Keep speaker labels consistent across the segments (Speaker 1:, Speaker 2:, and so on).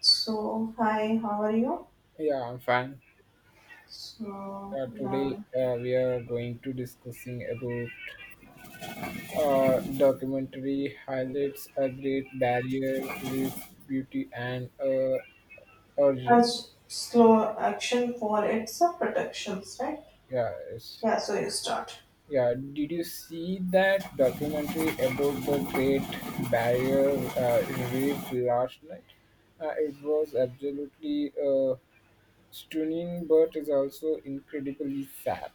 Speaker 1: So, hi, how are you?
Speaker 2: Yeah, I'm fine.
Speaker 1: So,
Speaker 2: Today
Speaker 1: yeah,
Speaker 2: we are going to discussing about documentary highlights a great barrier with beauty and origin.
Speaker 1: as slow action for its protections, right?
Speaker 2: Yeah, it's,
Speaker 1: Yeah, so you start.
Speaker 2: yeah. Did you see that documentary about the Great Barrier uh, Reef last night? It was absolutely stunning, but is also incredibly sad.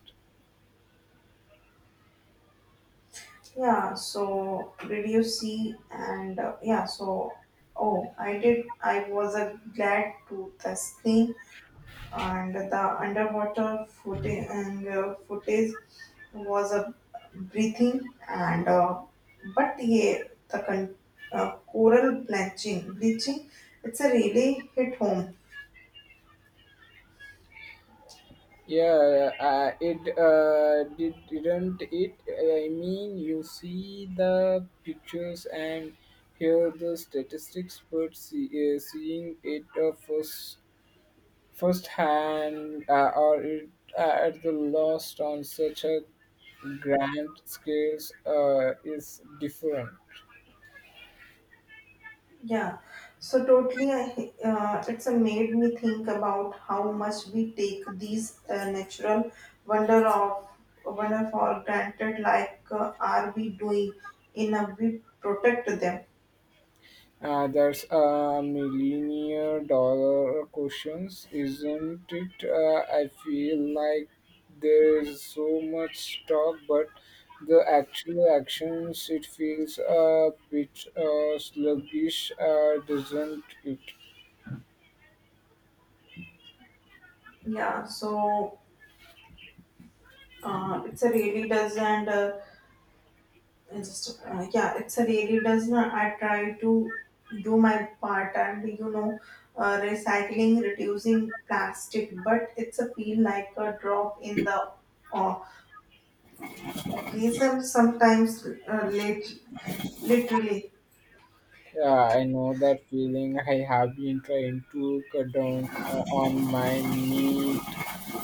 Speaker 1: Yeah, so did you see? And yeah, so oh, I did. I was glad to the screen and the underwater footage and footage was a breathing and but yeah, the coral blanching bleaching, it's a really hit home.
Speaker 2: Yeah, it didn't it? I mean, you see the pictures and hear the statistics, but seeing it first hand or it at the lost on such a grand scales is different.
Speaker 1: Yeah, so totally, it's a made me think about how much we take these natural wonder of wonder for granted, like are we doing enough we protect them?
Speaker 2: That's a millionaire dollar questions, isn't it? I feel like there's so much talk, but the actual actions, it feels a bit sluggish, doesn't it?
Speaker 1: Yeah, so it's a really does. And I just, yeah, it's a really does not, I try to do my part. And recycling, reducing plastic, but it's a feel like a drop in the uh, occasion sometimes, literally.
Speaker 2: Yeah, I know that feeling. I have been trying to cut down on my knee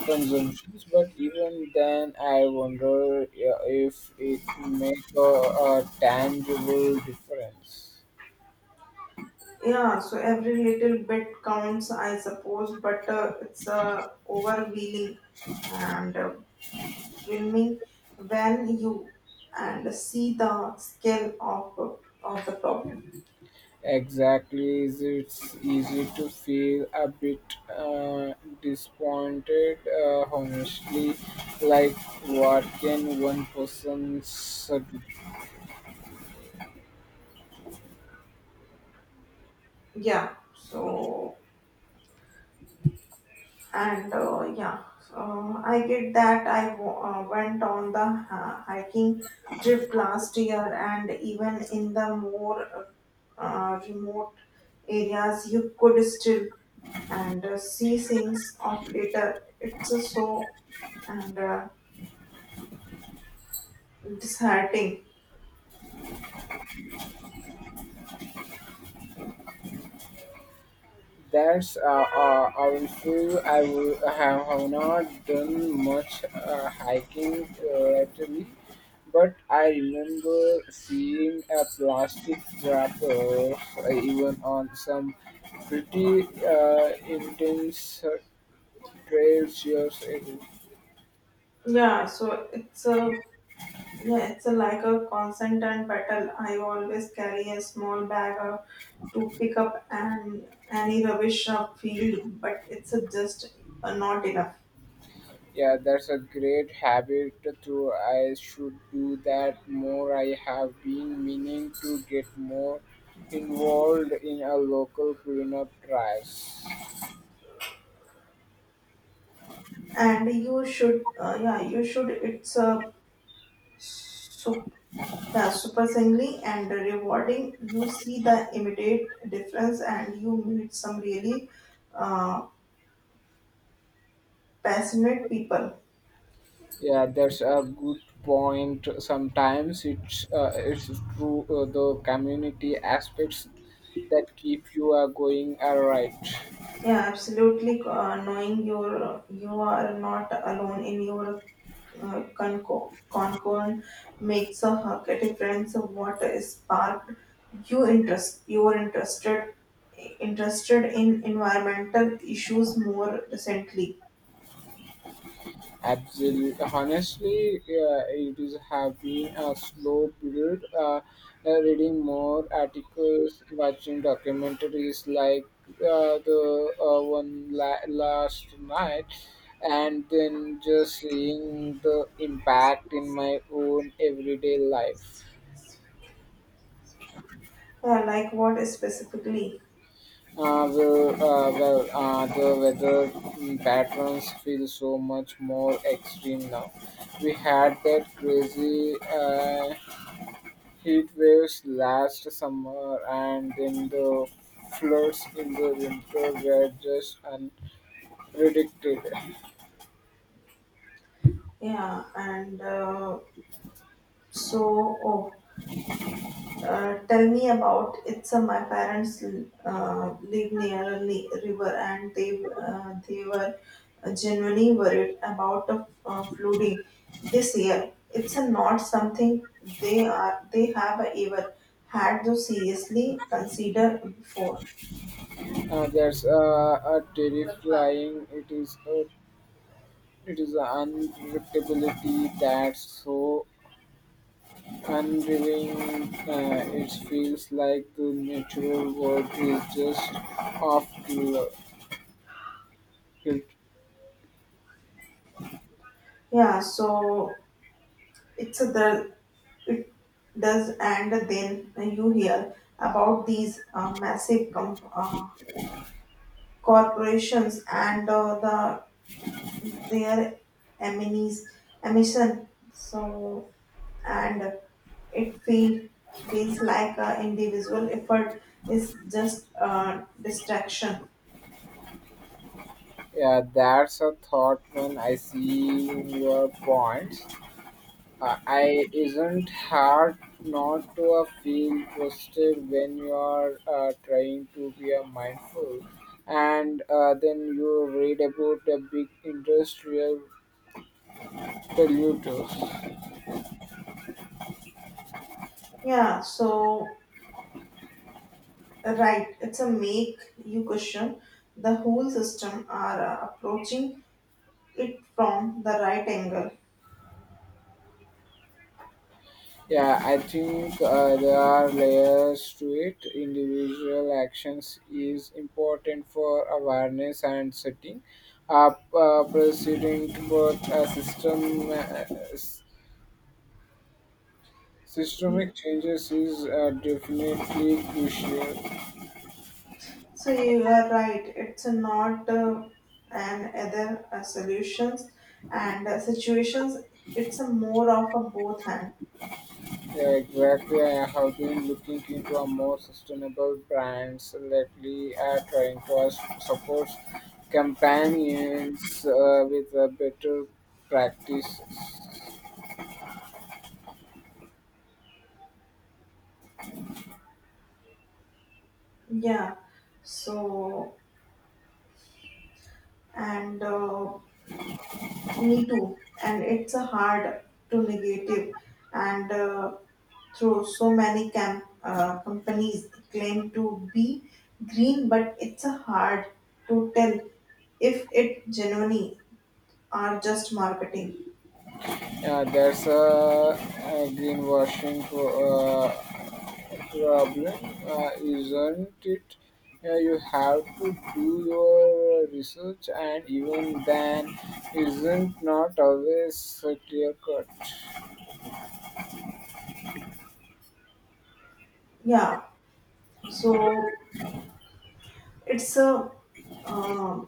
Speaker 2: consumptions, but even then, I wonder if it make a tangible difference.
Speaker 1: Yeah, so every little bit counts, I suppose, but it's overwhelming and filming when you and see the scale of the problem.
Speaker 2: Exactly, is it's easy to feel a bit uh, disappointed, honestly, like what can one person.
Speaker 1: Yeah, so and yeah, so I get that, I went on the hiking trip last year. And even in the more remote areas you could still and see things of later, it's a so and disheartening.
Speaker 2: That's awful. Have not done much hiking lately, but I remember seeing a plastic wrapper even on some pretty intense trails years ago.
Speaker 1: Yeah, so it's a, yeah, it's a, like a constant and battle, I always carry a small bag of to pick up an any rubbish up field, but it's a just not enough.
Speaker 2: Yeah, that's a great habit too. I should do that more. I have been meaning to get more involved in a local cleanup drives.
Speaker 1: And you should, yeah, you should. It's a sup- yeah, surprisingly and rewarding. You see the immediate difference, and you meet some really uh, passionate people.
Speaker 2: Yeah, that's a good point. Sometimes it's true the community aspects that keep you going. All right.
Speaker 1: Yeah, absolutely. Knowing you are not alone in your Concord makes a hug, a difference of what is sparked you are interested in environmental issues more recently.
Speaker 2: Absolutely. Honestly, it is have been a slow period. Reading more articles, watching documentaries like the last night, and then just seeing the impact in my own everyday life.
Speaker 1: Yeah, like what specifically?
Speaker 2: The weather patterns feel so much more extreme now. We had that crazy heat waves last summer and then the floods in the winter were just unpredicted.
Speaker 1: Yeah, and so oh, tell me about it's, my parents live near a river, and they were genuinely worried about the flooding this year. It's not something they have ever had to seriously consider before.
Speaker 2: That's a terrifying. It is an unpredictability that's so unrevealing. It feels like the natural world is just off kil- kilt.
Speaker 1: Yeah, so it's a the, it does, and then you hear about these massive corporations and the, they are emission, so, and it feels like a individual effort is just a distraction.
Speaker 2: Yeah, that's a thought when I see your points. I isn't hard not to feel twisted when you are trying to be mindful, and then you read about the big industrial polluters.
Speaker 1: Yeah, so right, it's a make you question the whole system, are approaching it from the right angle.
Speaker 2: Yeah, I think there are layers to it. Individual actions is important for awareness and setting up precedent, but a system. Systemic changes is definitely crucial.
Speaker 1: So, you are right, it's not an other solutions and situations, it's a more of a both hand.
Speaker 2: Yeah, exactly. I have been looking into a more sustainable brands lately. Support companions with a better practices.
Speaker 1: Yeah. So, and me too. And it's a hard to negative. And through so many companies claim to be green, but it's a hard to tell if it genuinely are just marketing.
Speaker 2: Yeah, a greenwashing problem, isn't it? You have to do your research, and even then, isn't not always clear cut.
Speaker 1: Yeah. So it's a uh,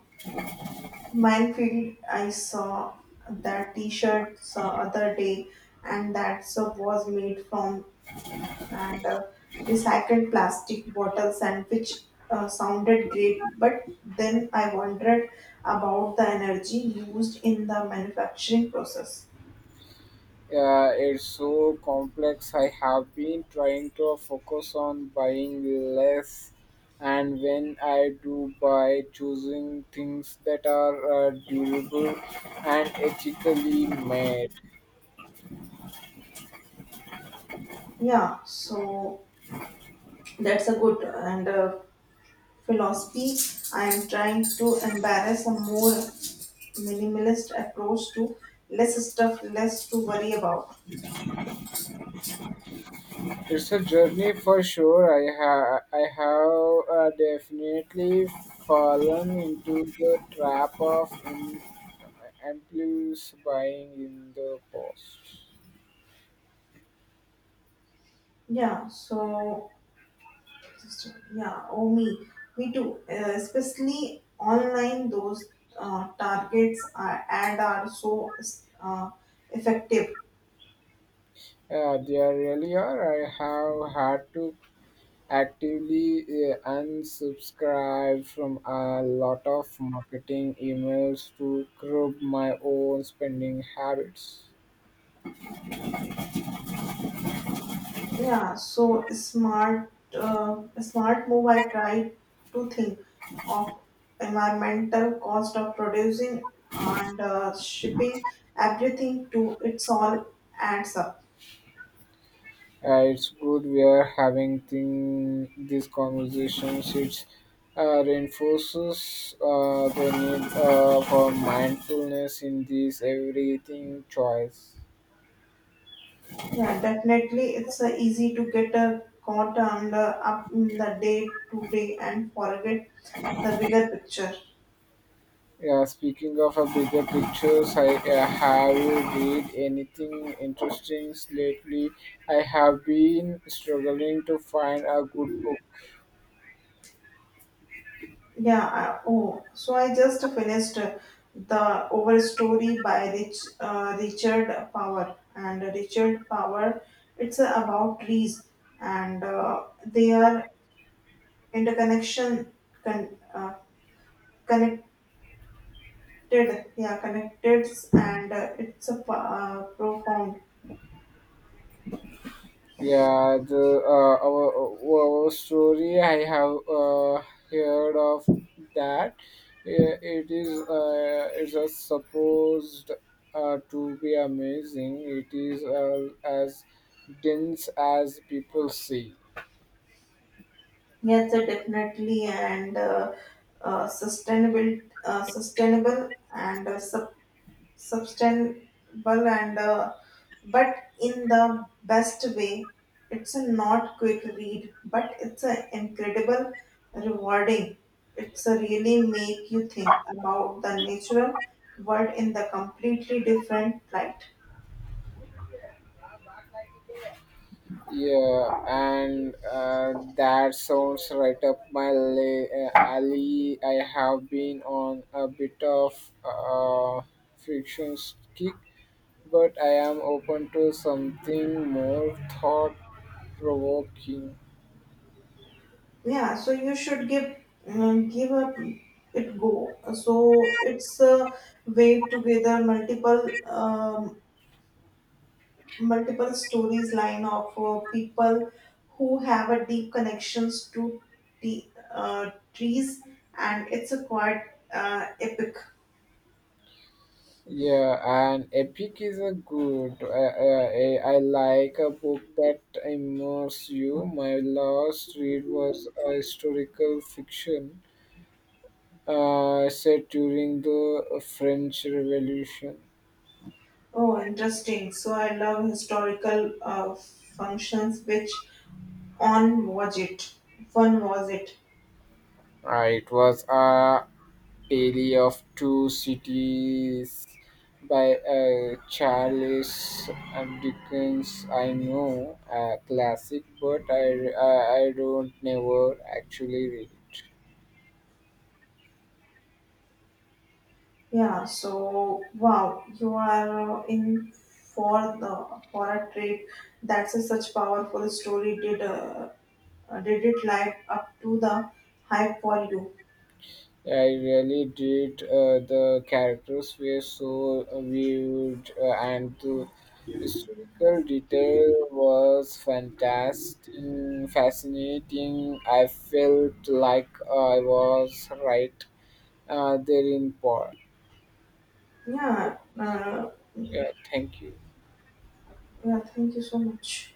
Speaker 1: minefield. I saw that T-shirt the other day, and that sub was made from and recycled plastic bottles, and which sounded great, but then I wondered about the energy used in the manufacturing process.
Speaker 2: It's so complex. I have been trying to focus on buying less, and when I do buy, choosing things that are durable and ethically made.
Speaker 1: Yeah, so that's a good and philosophy, I am trying to embrace a more minimalist approach to less stuff, less to worry about.
Speaker 2: It's a journey for sure. I have definitely fallen into the trap of impulse buying in the past.
Speaker 1: Yeah, so system. Yeah, oh me too. Especially online, those targets are ad are so uh, effective.
Speaker 2: There really are. I have had to actively unsubscribe from a lot of marketing emails to curb my own spending habits.
Speaker 1: Yeah, so smart, smart move. I try to think of environmental cost of producing and shipping everything to, it's all adds up.
Speaker 2: It's good we are these conversations. It reinforces the need for mindfulness in this everything choice.
Speaker 1: Yeah, definitely, it's easy to get a caught under up in the day to day and forget the bigger picture.
Speaker 2: Yeah, speaking of a bigger pictures, I have you read anything interesting lately? I have been struggling to find a good book.
Speaker 1: Yeah. I, oh, so I just finished the Overstory by Richard Power. It's about trees and their interconnection, con- uh, connected. Yeah, connected, and it's a profound.
Speaker 2: Yeah, the our story I have heard of that. Yeah, it is it is supposed to be amazing. It is as dense as people say.
Speaker 1: Yes, definitely, and uh, sustainable, uh, sustainable, and uh, sub- sustainable, and but in the best way. It's a not quick read, but it's an incredible rewarding. It's a really make you think about the natural world in the completely different light.
Speaker 2: Yeah, and that sounds right up my alley. I have been on a bit of uh, friction kick, but I am open to something more thought provoking.
Speaker 1: Yeah, so you should give give up it go. So it's a way together multiple stories line of people who have a deep connections to the trees, and it's a quite epic.
Speaker 2: Yeah, and epic is a good. I like a book that immerses you. My last read was a historical fiction set during the French Revolution.
Speaker 1: Oh, interesting, so I love historical functions, which on was it, fun was it?
Speaker 2: It was Daily of Two Cities by Charles Dickens. I know a classic, but I don't never actually read it.
Speaker 1: Yeah, so wow, you are in for the for a trip. That's a such powerful story, did it live up to the hype for you?
Speaker 2: Yeah, I really did. The characters were so vivid, and the historical detail was fantastic, fascinating. I felt like I was right there in Paul.
Speaker 1: Yeah,
Speaker 2: Yeah, thank you.
Speaker 1: yeah, thank you so much.